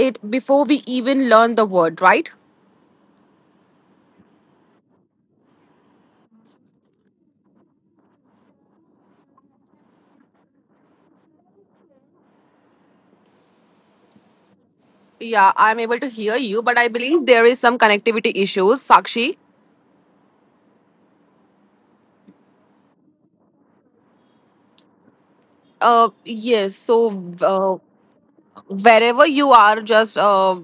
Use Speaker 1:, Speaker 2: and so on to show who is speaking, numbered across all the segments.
Speaker 1: it before we even learn the word, right? Yeah, I'm able to hear you, but I believe there is some connectivity issues, Sakshi. Yes. So, uh, wherever you are, just do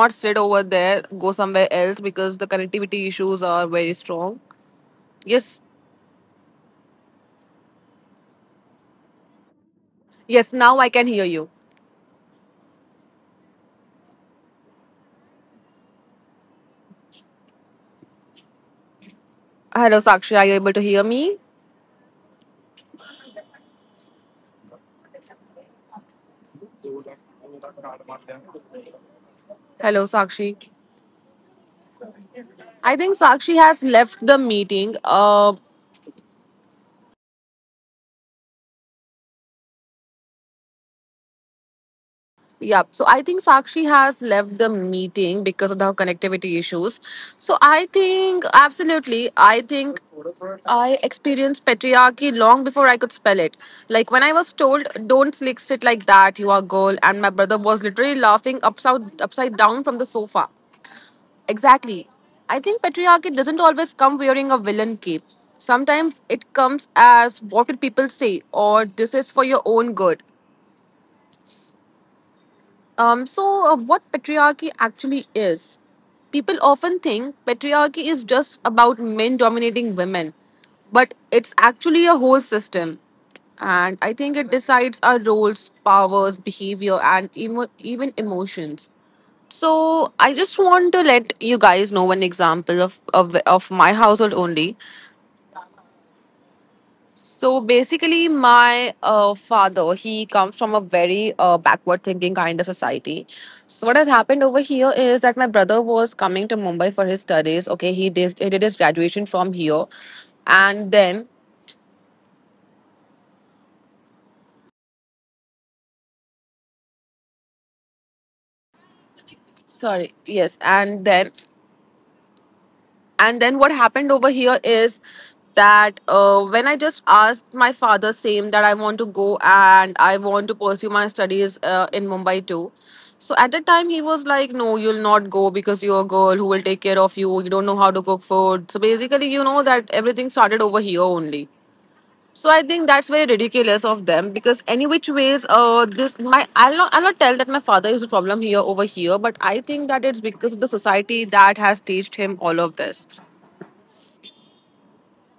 Speaker 1: not sit over there, go somewhere else, because the connectivity issues are very strong. Yes, yes. Now I can hear you. Hello, Sakshi, are you able to hear me? Hello, Sakshi? I think Sakshi has left the meeting. Yeah, so I think Sakshi has left the meeting because of the connectivity issues. So I think, absolutely, I think I experienced patriarchy long before I could spell it. Like when I was told, "Don't slick sit like that, you are a girl," and my brother was literally laughing upside down from the sofa. Exactly. I think patriarchy doesn't always come wearing a villain cape. Sometimes it comes as what will people say, or this is for your own good. So, what patriarchy actually is? People often think patriarchy is just about men dominating women, but it's actually a whole system. And I think it decides our roles, powers, behavior, and even emotions. So, I just want to let you guys know one example of my household only. So basically, my father, he comes from a very backward thinking kind of society. So what has happened over here is that my brother was coming to Mumbai for his studies. Okay, he did his graduation from here, and then sorry, yes, and then what happened over here is that when I just asked my father same that I want to go and I want to pursue my studies in Mumbai too. So at that time he was like, no, you'll not go because you're a girl, who will take care of you? You don't know how to cook food. So basically, you know that everything started over here only. So I think that's very ridiculous of them, because any which ways, this my I'll not tell that my father is the problem here over here, but I think that it's because of the society that has teached him all of this.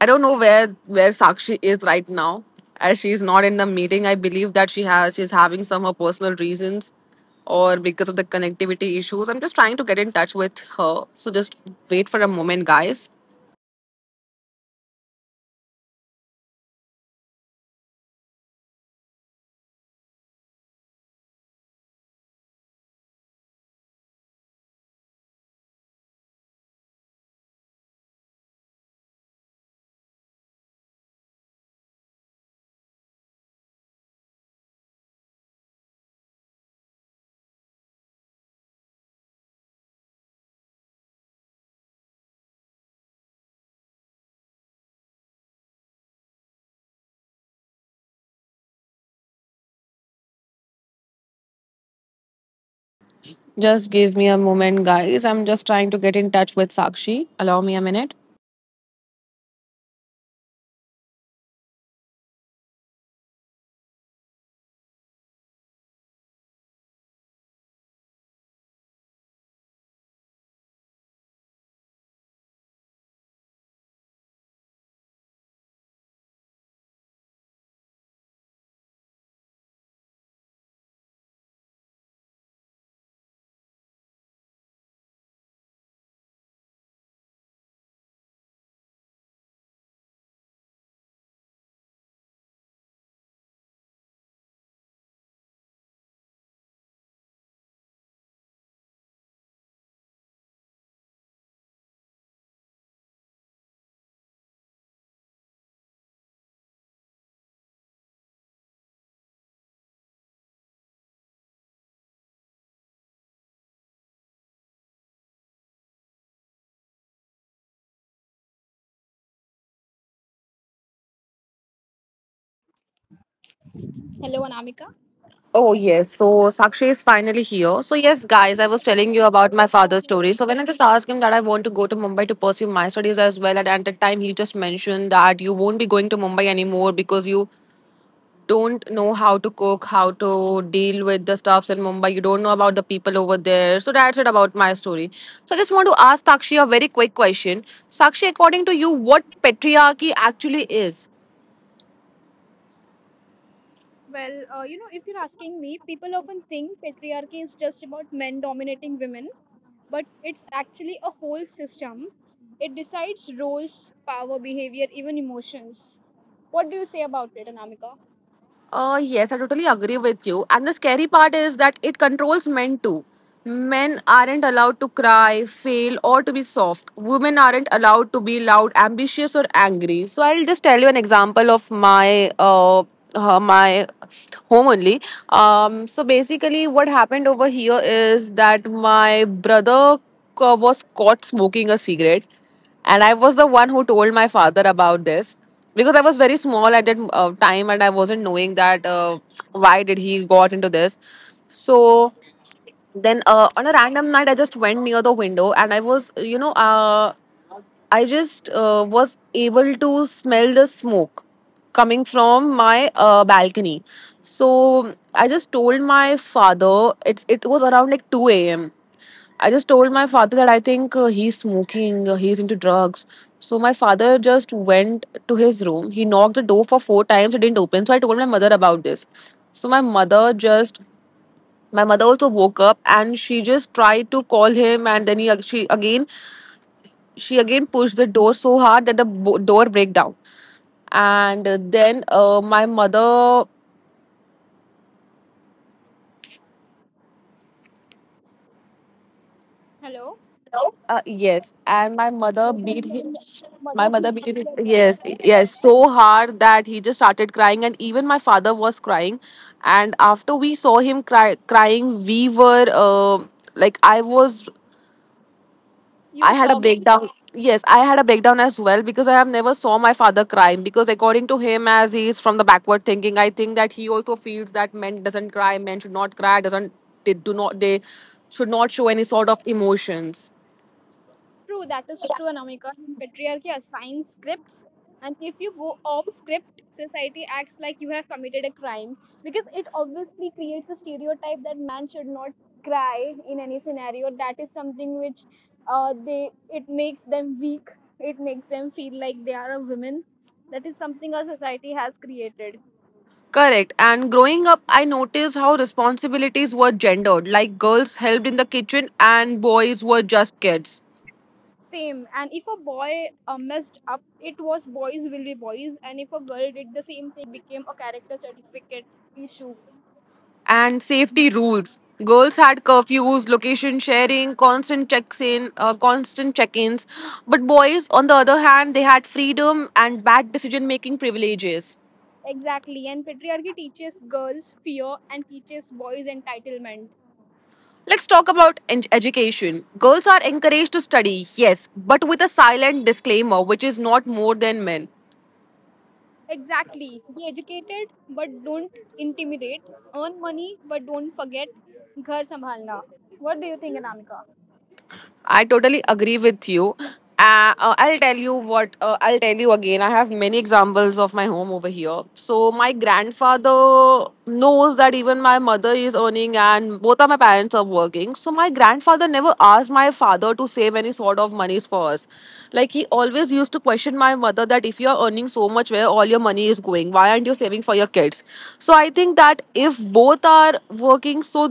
Speaker 1: I don't know where Sakshi is right now, as she's not in the meeting. I believe that she's having some her personal reasons, or because of the connectivity issues. I'm just trying to get in touch with her. So just wait for a moment, guys. Just give me a moment, guys. I'm just trying to get in touch with Sakshi. Allow me a minute.
Speaker 2: Hello, Anamika.
Speaker 1: Oh, yes. So Sakshi is finally here. So, yes, guys, I was telling you about my father's story. So, when I just asked him that I want to go to Mumbai to pursue my studies as well, and at that time, he just mentioned that you won't be going to Mumbai anymore because you don't know how to cook, how to deal with the stuffs in Mumbai. You don't know about the people over there. So, that's it about my story. So, I just want to ask Sakshi a very quick question. Sakshi, according to you, what patriarchy actually is?
Speaker 2: If you're asking me, people often think patriarchy is just about men dominating women, but it's actually a whole system. It decides roles, power, behavior, even emotions. What do you say about it, Anamika?
Speaker 1: Yes, I totally agree with you. And the scary part is that it controls men too. Men aren't allowed to cry, fail, or to be soft. Women aren't allowed to be loud, ambitious, or angry. So I'll just tell you an example of my home only. So basically, what happened over here is that my brother was caught smoking a cigarette, and I was the one who told my father about this because I was very small at that time and I wasn't knowing that why did he got into this. So then, on a random night, I just went near the window, and I just was able to smell the smoke coming from my balcony. So I just told my father, it was around like 2 a.m. I just told my father that I think he's smoking, he's into drugs. So my father just went to his room. He knocked the door for four times, it didn't open. So I told my mother about this. So my mother also woke up and she just tried to call him, and then he she again pushed the door so hard that the door break down. And then my mother.
Speaker 2: Hello?
Speaker 1: Yes, and my mother
Speaker 2: Yes, I'm
Speaker 1: beat him.
Speaker 2: here.
Speaker 1: My
Speaker 2: Mother
Speaker 1: mother
Speaker 2: hit
Speaker 1: beat him.
Speaker 2: your brother.
Speaker 1: Yes, yes, so hard that he just started crying, and even my father was crying. And after we saw him crying, we were like,
Speaker 2: You
Speaker 1: I
Speaker 2: were
Speaker 1: had a
Speaker 2: shocked.
Speaker 1: breakdown. Yes, I had a breakdown as well because I have never saw my father crying. Because according to him, as he is from the backward thinking, I think that he also feels that men doesn't cry, men should not cry, doesn't they do not they should not show any sort of emotions.
Speaker 2: True, that is true, Anamika. And patriarchy assigns scripts, and if you go off script, society acts like you have committed a crime because it obviously creates a stereotype that man should not cry in any scenario. That is something which they it makes them weak. It makes them feel like they are a woman. That is something our society has created.
Speaker 1: Correct. And growing up, I noticed how responsibilities were gendered. Like girls helped in the kitchen and boys were just kids.
Speaker 2: Same, and if a boy messed up, it was boys will be boys, and if a girl did the same thing, became a character certificate issue.
Speaker 1: And safety rules. Girls had curfews, location sharing, constant check-ins. But boys, on the other hand, they had freedom and bad decision-making privileges.
Speaker 2: Exactly. And patriarchy teaches girls fear and teaches boys entitlement.
Speaker 1: Let's talk about education. Girls are encouraged to study, yes, but with a silent disclaimer, which is not more than men.
Speaker 2: Exactly. Be educated, but don't intimidate. Earn money, but don't forget घर संभालना. What do you think, Anamika?
Speaker 1: I totally agree with you. I'll tell you what, I'll tell you again. I have many examples of my home over here. So, my grandfather knows that even my mother is earning and both of my parents are working. So, my grandfather never asked my father to save any sort of monies for us. Like, he always used to question my mother that if you're earning so much, where all your money is going, why aren't you saving for your kids? So, I think that if both are working, so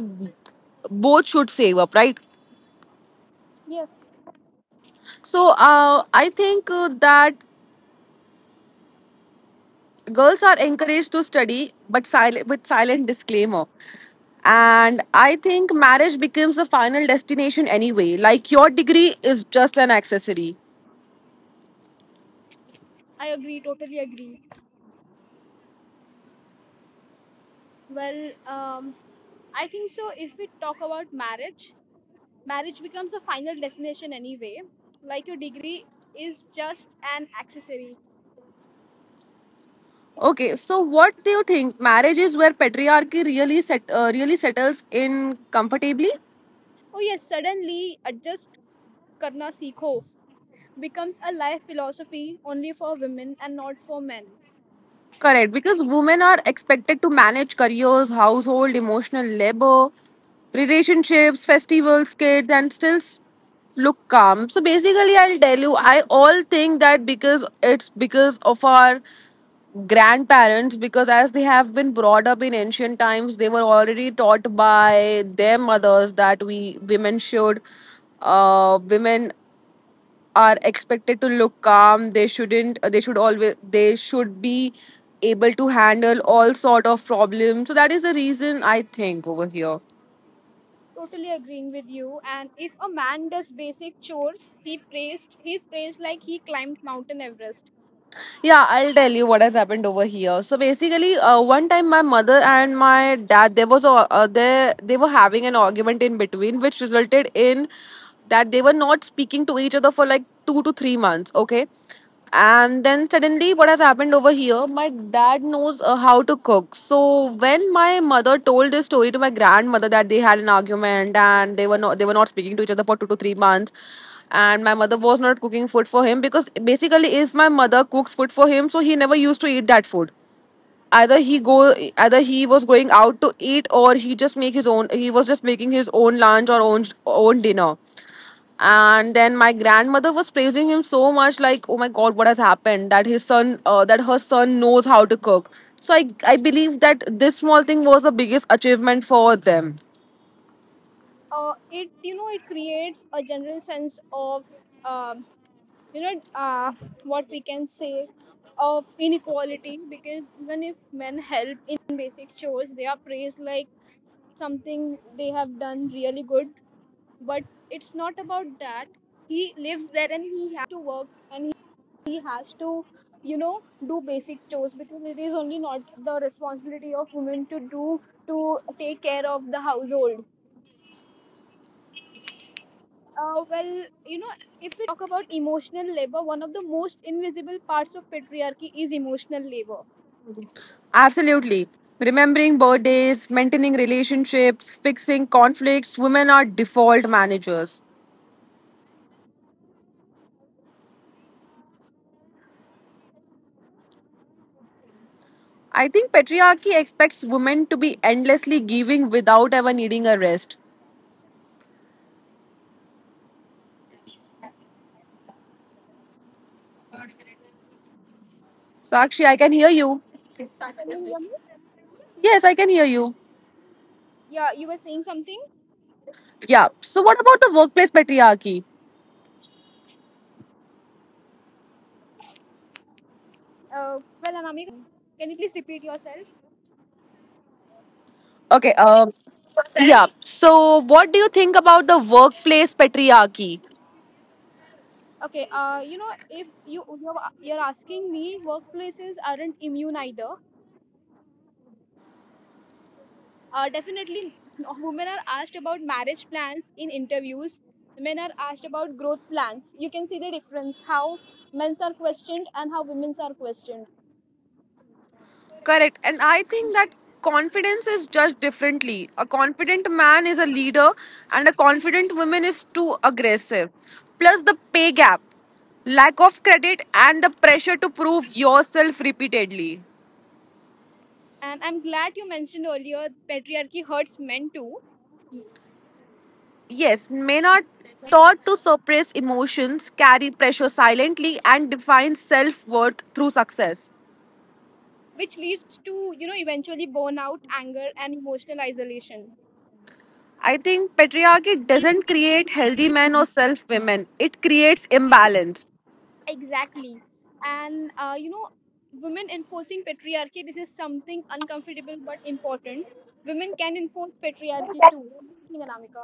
Speaker 1: both should save up, right?
Speaker 2: Yes,
Speaker 1: So, I think, that girls are encouraged to study, but silent with silent disclaimer. And I think marriage becomes the final destination anyway. Like your degree is just an accessory.
Speaker 2: I agree, totally agree. Well, um, I think so. If we talk about marriage, marriage becomes a final destination anyway. Like your degree is just an accessory.
Speaker 1: Okay, so what do you think? Marriage is where patriarchy really settles in comfortably.
Speaker 2: Oh yes, suddenly adjust करना सीखो becomes a life philosophy only for women and not for men.
Speaker 1: Correct, because women are expected to manage careers, household, emotional labor, relationships, festivals, kids, and still look calm. So basically, I'll tell you, I all think that because it's because of our grandparents, because as they have been brought up in ancient times, they were already taught by their mothers that women are expected to look calm. They shouldn't they should be able to handle all sort of problems, so that is the reason I think over here.
Speaker 2: Totally agreeing with you. And if a man does basic chores, he's praised like he climbed Mountain Everest.
Speaker 1: Yeah, I'll tell you what has happened over here. So basically, one time my mother and my dad, there was a they were having an argument in between, which resulted in that they were not speaking to each other for like 2 to 3 months. Okay, and then suddenly, what has happened over here? My dad knows how to cook. So when my mother told this story to my grandmother that they had an argument and they were not speaking to each other for 2 to 3 months, and my mother was not cooking food for him, because basically if my mother cooks food for him, so he never used to eat that food, either he go either he was going out to eat, or he was just making his own lunch or own dinner. And then my grandmother was praising him so much, like, oh my god, what has happened, that his son that her son knows how to cook. So I believe that this small thing was the biggest achievement for them.
Speaker 2: It it creates a general sense of um, you know uh, what we can say of inequality because even if men help in basic chores, they are praised like something they have done really good, but it's not about that. He lives there and he has to work and he has to you know do basic chores because it is only not the responsibility of women to do to take care of the household. uh, well you know if we talk about emotional labor, one of the most invisible parts of patriarchy is emotional labor.
Speaker 1: Absolutely. Remembering birthdays, maintaining relationships, fixing conflicts, women are default managers. I think patriarchy expects women to be endlessly giving without ever needing a rest. Sakshi, I can hear you.
Speaker 2: Can you hear me?
Speaker 1: Yes, I can hear you.
Speaker 2: Yeah, you were saying something?
Speaker 1: Yeah. So, what about the workplace patriarchy?
Speaker 2: Well, Anamika, your voice is breaking. Can you please repeat yourself?
Speaker 1: Okay. Yeah. So, what do you think about the workplace patriarchy?
Speaker 2: Okay. If you're asking me, workplaces aren't immune either. Definitely, no, women are asked about marriage plans in interviews. Men are asked about growth plans. You can see the difference how men's are questioned and how women's are questioned.
Speaker 1: Correct. And I think that confidence is judged differently. A confident man is a leader, and a confident woman is too aggressive. Plus, the pay gap, lack of credit, and the pressure to prove yourself repeatedly.
Speaker 2: And I'm glad you mentioned earlier patriarchy hurts men too,
Speaker 1: Yes, men are taught to suppress emotions, carry pressure silently, and define self worth through success.
Speaker 2: which leads to eventually burnout, anger and emotional isolation.
Speaker 1: I think patriarchy doesn't create healthy men or self women, it creates imbalance.
Speaker 2: Exactly. And women enforcing patriarchy, this is something uncomfortable but important. Women can enforce patriarchy too. What do you think, Anamika?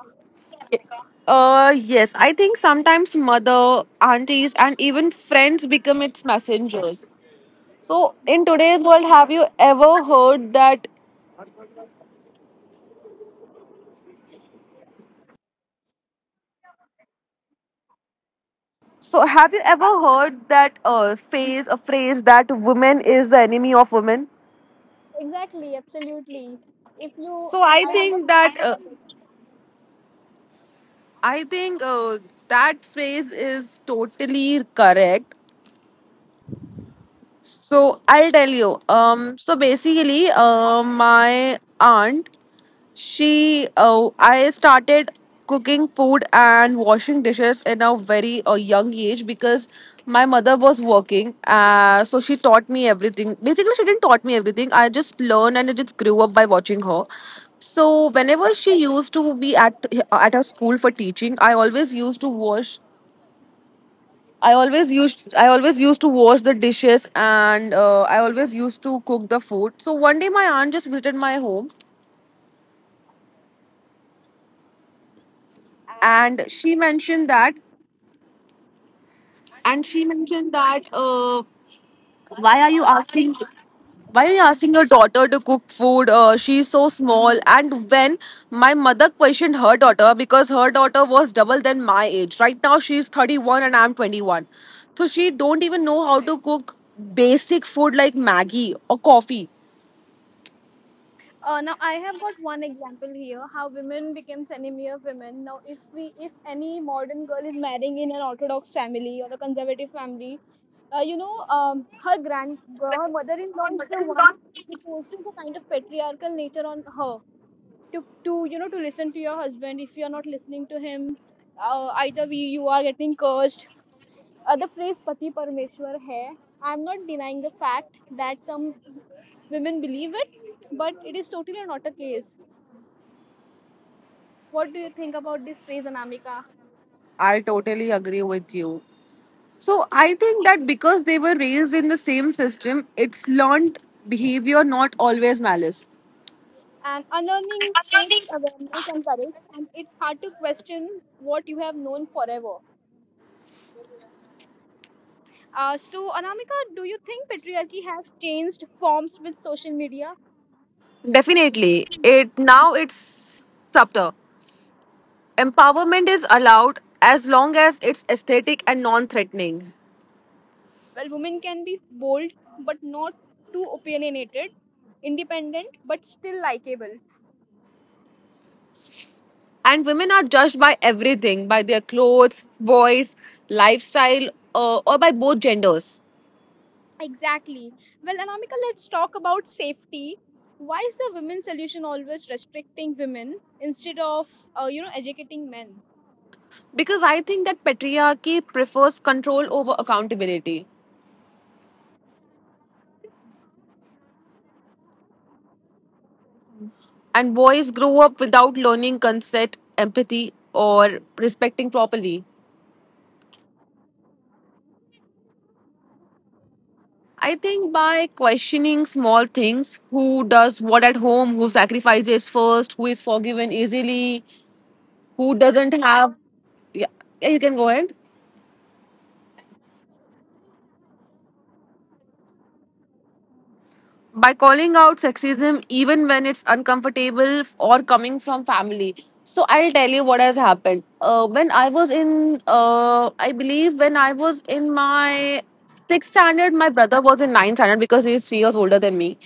Speaker 1: Yes, I think sometimes mother, aunties, and even friends become its messengers. So, in today's world, have you ever heard that? So, have you ever heard that phrase, a phrase that woman is the enemy of women?
Speaker 2: Exactly. Absolutely. If you,
Speaker 1: So,
Speaker 2: I have got. And
Speaker 1: I think that phrase is totally correct. So, I'll tell you. So basically, my aunt oh, I started cooking food and washing dishes in a very young age because my mother was working. So she taught me everything. Basically, she didn't taught me everything. I just learned and I just grew up by watching her. So whenever she used to be at her school for teaching, I always used to wash. I always used to wash the dishes and I always used to cook the food. So one day my aunt just visited my home and she mentioned that
Speaker 2: why are
Speaker 1: why
Speaker 2: you
Speaker 1: are you asking? Why are you asking your daughter to cook food? She's so small. And when my mother questioned her daughter because her daughter was double than my age. Right now she's 31 and I'm 21. So she don't even know how to cook basic food like Maggie or coffee.
Speaker 2: Now I have got one example here how women becomes enemy of women. Now if any modern girl is marrying in an orthodox family or a conservative family, her mother-in-law is the one who forces a kind of patriarchal nature on her to listen to your husband. If you are not listening to him, either we you are getting cursed. The phrase "pati parmeshwar hai." I'm not denying the fact that some women believe it, but it is totally not a case. What do you think about this phrase, Anamika?
Speaker 1: I totally agree with you. So I think that because they were raised in the same system, it's learned behavior, not always malice.
Speaker 2: And unlearning takes awareness and courage, and it's hard to question what you have known forever. Anamika, do you think patriarchy has changed forms with social media?
Speaker 1: Definitely. It now it's subtle. Empowerment is allowed as long as it's aesthetic and non-threatening.
Speaker 2: Well, women can be bold, but not too opinionated, independent, but still likable.
Speaker 1: And women are judged by everything, by their clothes, voice, lifestyle, or by both genders.
Speaker 2: Exactly. Well, Anamika, let's talk about safety. Why is the women's solution always restricting women instead of, educating men?
Speaker 1: Because I think that patriarchy prefers control over accountability. And boys grow up without learning consent, empathy, or respecting properly. I think by questioning small things: who does what at home, who sacrifices first, who is forgiven easily, who doesn't have. Yeah, yeah, you can go ahead. By calling out sexism, even when it's uncomfortable or coming from family. So I'll tell you what has happened. When I was in, I believe when I was in my sixth standard, my brother was in ninth standard because he's 3 years older than me.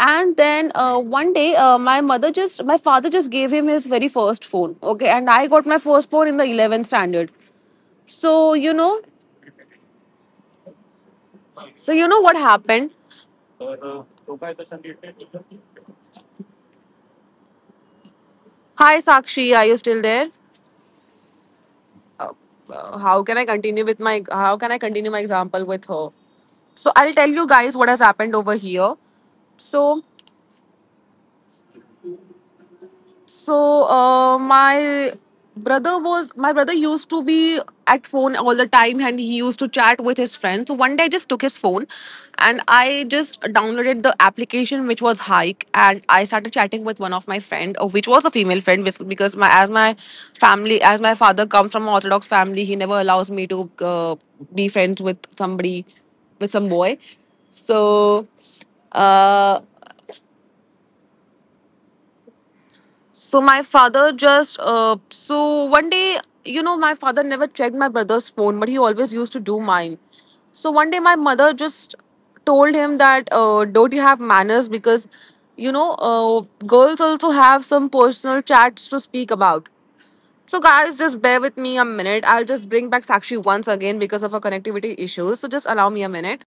Speaker 1: And then one day, my father just gave him his very first phone. Okay, and I got my first phone in the 11th standard. So you know, so you know what happened? Hi, Sakshi, are you still there? Uh, how can I continue with my? How can I continue my example with her? So I'll tell you guys what has happened over here. So So my brother used to be at phone all the time and he used to chat with his friends. So one day I just took his phone and I just downloaded the application which was Hike and I started chatting with one of my friend, which was a female friend because my as my father comes from an orthodox family, he never allows me to be friends with somebody with some boy. So uh, So my father just, one day, you know, my father never checked my brother's phone, but he always used to do mine. So one day, my mother just told him that don't you have manners, because you know girls also have some personal chats to speak about. So guys, just bear with me a minute. I'll just bring back Sakshi once again because of her connectivity issues. So just allow me a minute.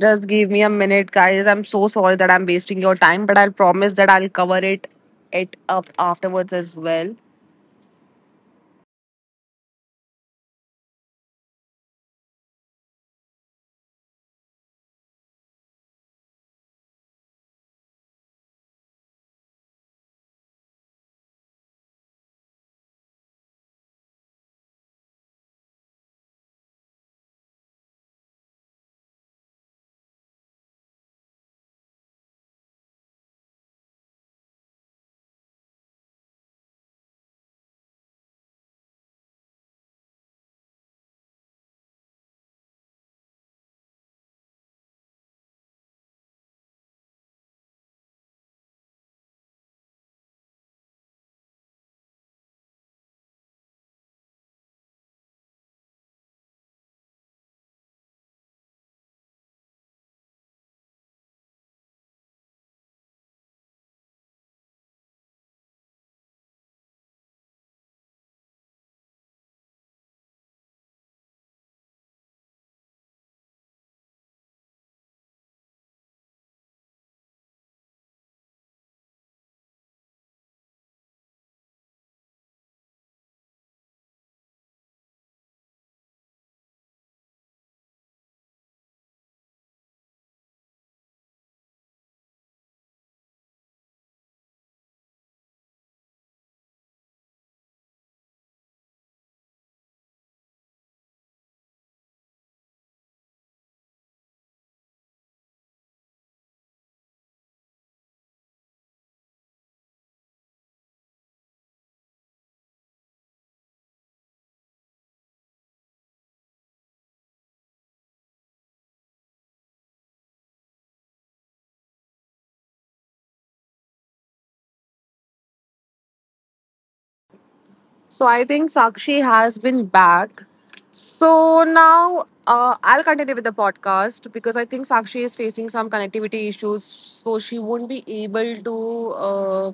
Speaker 1: Just give me a minute, guys. I'm so sorry that I'm wasting your time, but I'll promise that I'll cover it up afterwards as well. So I think Sakshi has been back. So now I'll continue with the podcast because I think Sakshi is facing some connectivity issues, so she won't be able to uh,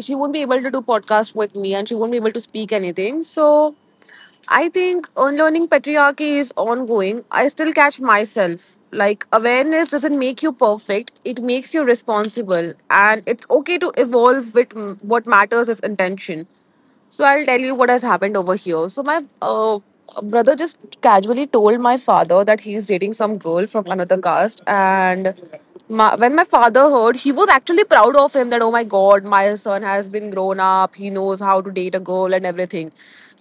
Speaker 1: do podcast with me, and she won't be able to speak anything. So I think unlearning patriarchy is ongoing. I still catch myself. Like, awareness doesn't make you perfect, it makes you responsible. And it's okay to evolve with what matters is intention. So I'll tell you what has happened over here. So my brother just casually told my father that he's dating some girl from another caste, and when my father heard, he was actually proud of him that oh my god, my son has been grown up. He knows how to date a girl and everything.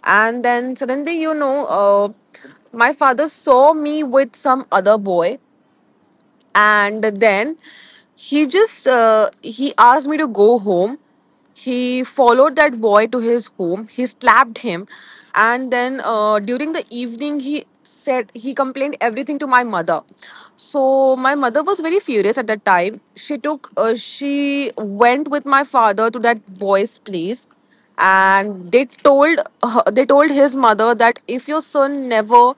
Speaker 1: And then suddenly, you know, my father saw me with some other boy and then he just he asked me to go home. He followed that boy to his home, he slapped him, and then during the evening he said he complained everything to my mother. So my mother was very furious at that time. She took she went with my father to that boy's place and they told her, they told his mother that if your son never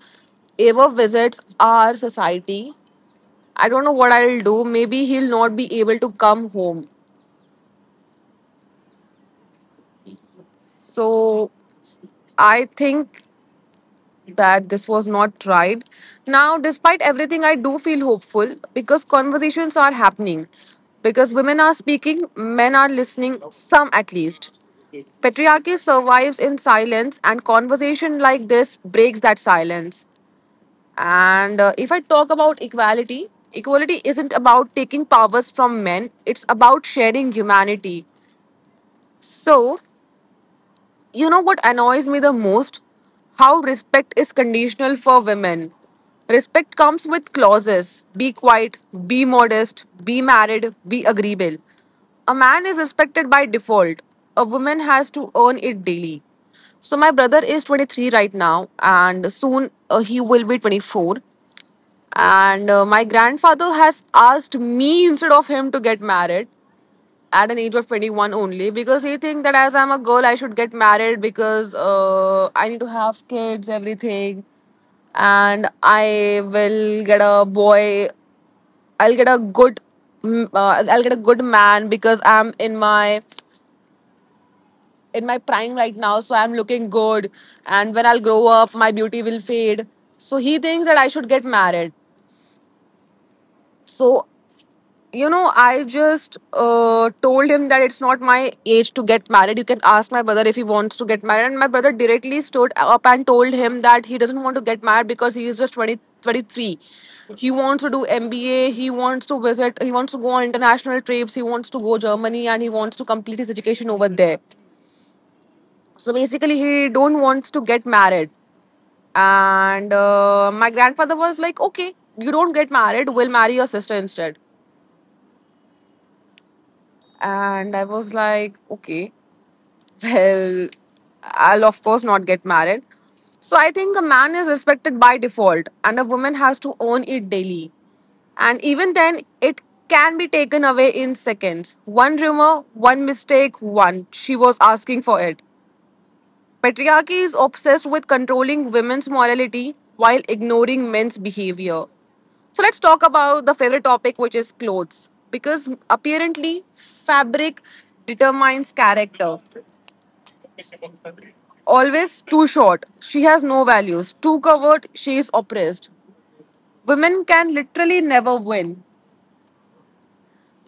Speaker 1: ever visits our society, I don't know what I'll do. Maybe he'll not be able to come home. So I think that this was not right. Now, despite everything, I do feel hopeful because conversations are happening. Because women are speaking, men are listening, some at least. Patriarchy survives in silence, and conversation like this breaks that silence. And if I talk about equality, equality isn't about taking powers from men, it's about sharing humanity. So, you know what annoys me the most? How respect is conditional for women. Respect comes with clauses: be quiet, be modest, be married, be agreeable. A man is respected by default, a woman has to earn it daily. So, my brother is 23 right now, and soon he will be 24. And my grandfather has asked me instead of him to get married at an age of 21 only because he think that as I'm a girl, I should get married because I need to have kids, everything. And I will get a boy. I'll get a good, I'll get a good man because I'm in my prime right now, so I'm looking good. And when I'll grow up, my beauty will fade. So he thinks that I should get married. So you know, I just told him that it's not my age to get married. You can ask my brother if he wants to get married. And my brother directly stood up and told him that he doesn't want to get married because he is just 20 23. He wants to do MBA. He wants to visit. He wants to go on international trips. He wants to go Germany and he wants to complete his education over there. So basically, he don't wants to get married. And my grandfather was like, okay, you don't get married. We'll marry your sister instead. And I was like, okay, well, I'll of course not get married. So I think a man is respected by default, and a woman has to earn it daily. And even then, it can be taken away in seconds. One rumor, one mistake, one. She was asking for it. Patriarchy is obsessed with controlling women's morality while ignoring men's behavior. So let's talk about the favorite topic, which is clothes. Because apparently, fabric determines character. Always too short, she has no values. Too covered, she is oppressed. Women can literally never win.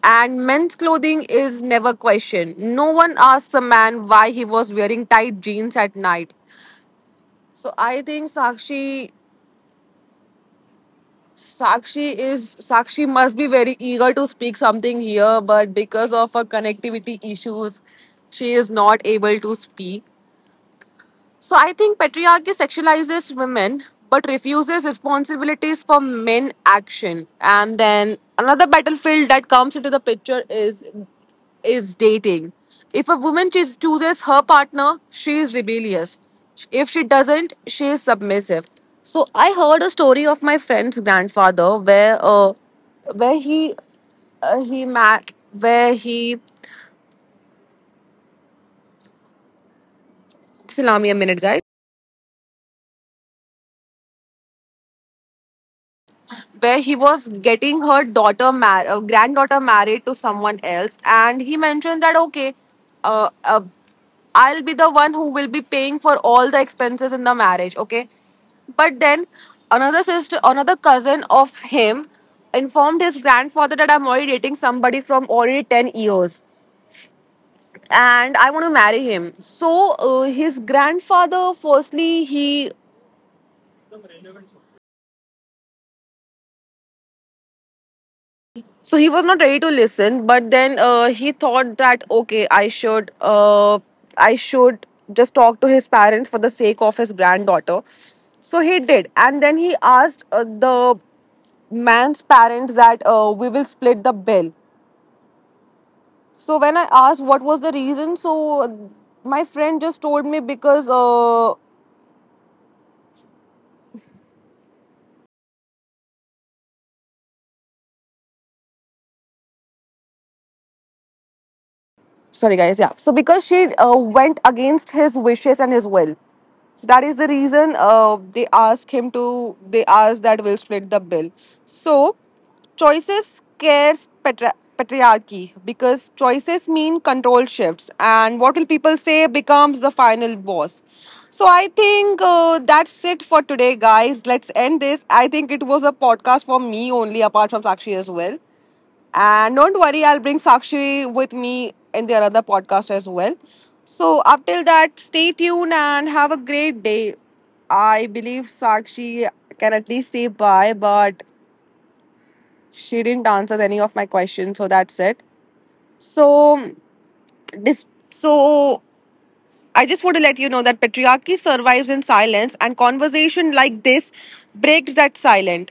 Speaker 1: And men's clothing is never questioned. No one asks a man why he was wearing tight jeans at night. So I think Sakshi Sakshi is Sakshi must be very eager to speak something here, but because of her connectivity issues, she is not able to speak. So I think patriarchy sexualizes women but refuses responsibilities for men action. And then another battlefield that comes into the picture is dating. If a woman chooses her partner, she is rebellious. If she doesn't, she is submissive. So I heard a story of my friend's grandfather where he met where he just allow me a minute, guys. Where he was getting her granddaughter married to someone else, and he mentioned that okay, uh, uh, I'll be the one who will be paying for all the expenses in the marriage, okay? But then another sister, another cousin of him informed his grandfather that I'm already dating somebody from already 10 years and I want to marry him. So his grandfather, firstly, he was not ready to listen, but then he thought that okay, I should just talk to his parents for the sake of his granddaughter. So he did, and then he asked the man's parents that we will split the bill. So when I asked what was the reason, so my friend just told me because sorry guys, yeah. So because she went against his wishes and his will. So that is the reason they asked that we'll split the bill. So choices scares patriarchy because choices mean control shifts and what will people say becomes the final boss. So I think that's it for today, guys. Let's end this. I think it was a podcast for me only, apart from Sakshi as well. And don't worry, I'll bring Sakshi with me in the another podcast as well. So up till that, stay tuned and have a great day. I believe Sakshi can at least say bye, but she didn't answer any of my questions, so that's it. So so I just want to let you know that patriarchy survives in silence and conversation like this breaks that silence.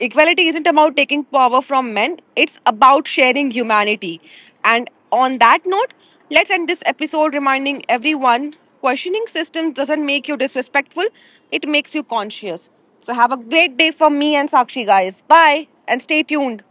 Speaker 1: Equality isn't about taking power from men, it's about sharing humanity. And on that note, let's end this episode reminding everyone questioning systems doesn't make you disrespectful, it makes you conscious. So have a great day from me and Sakshi, guys. Bye and stay tuned.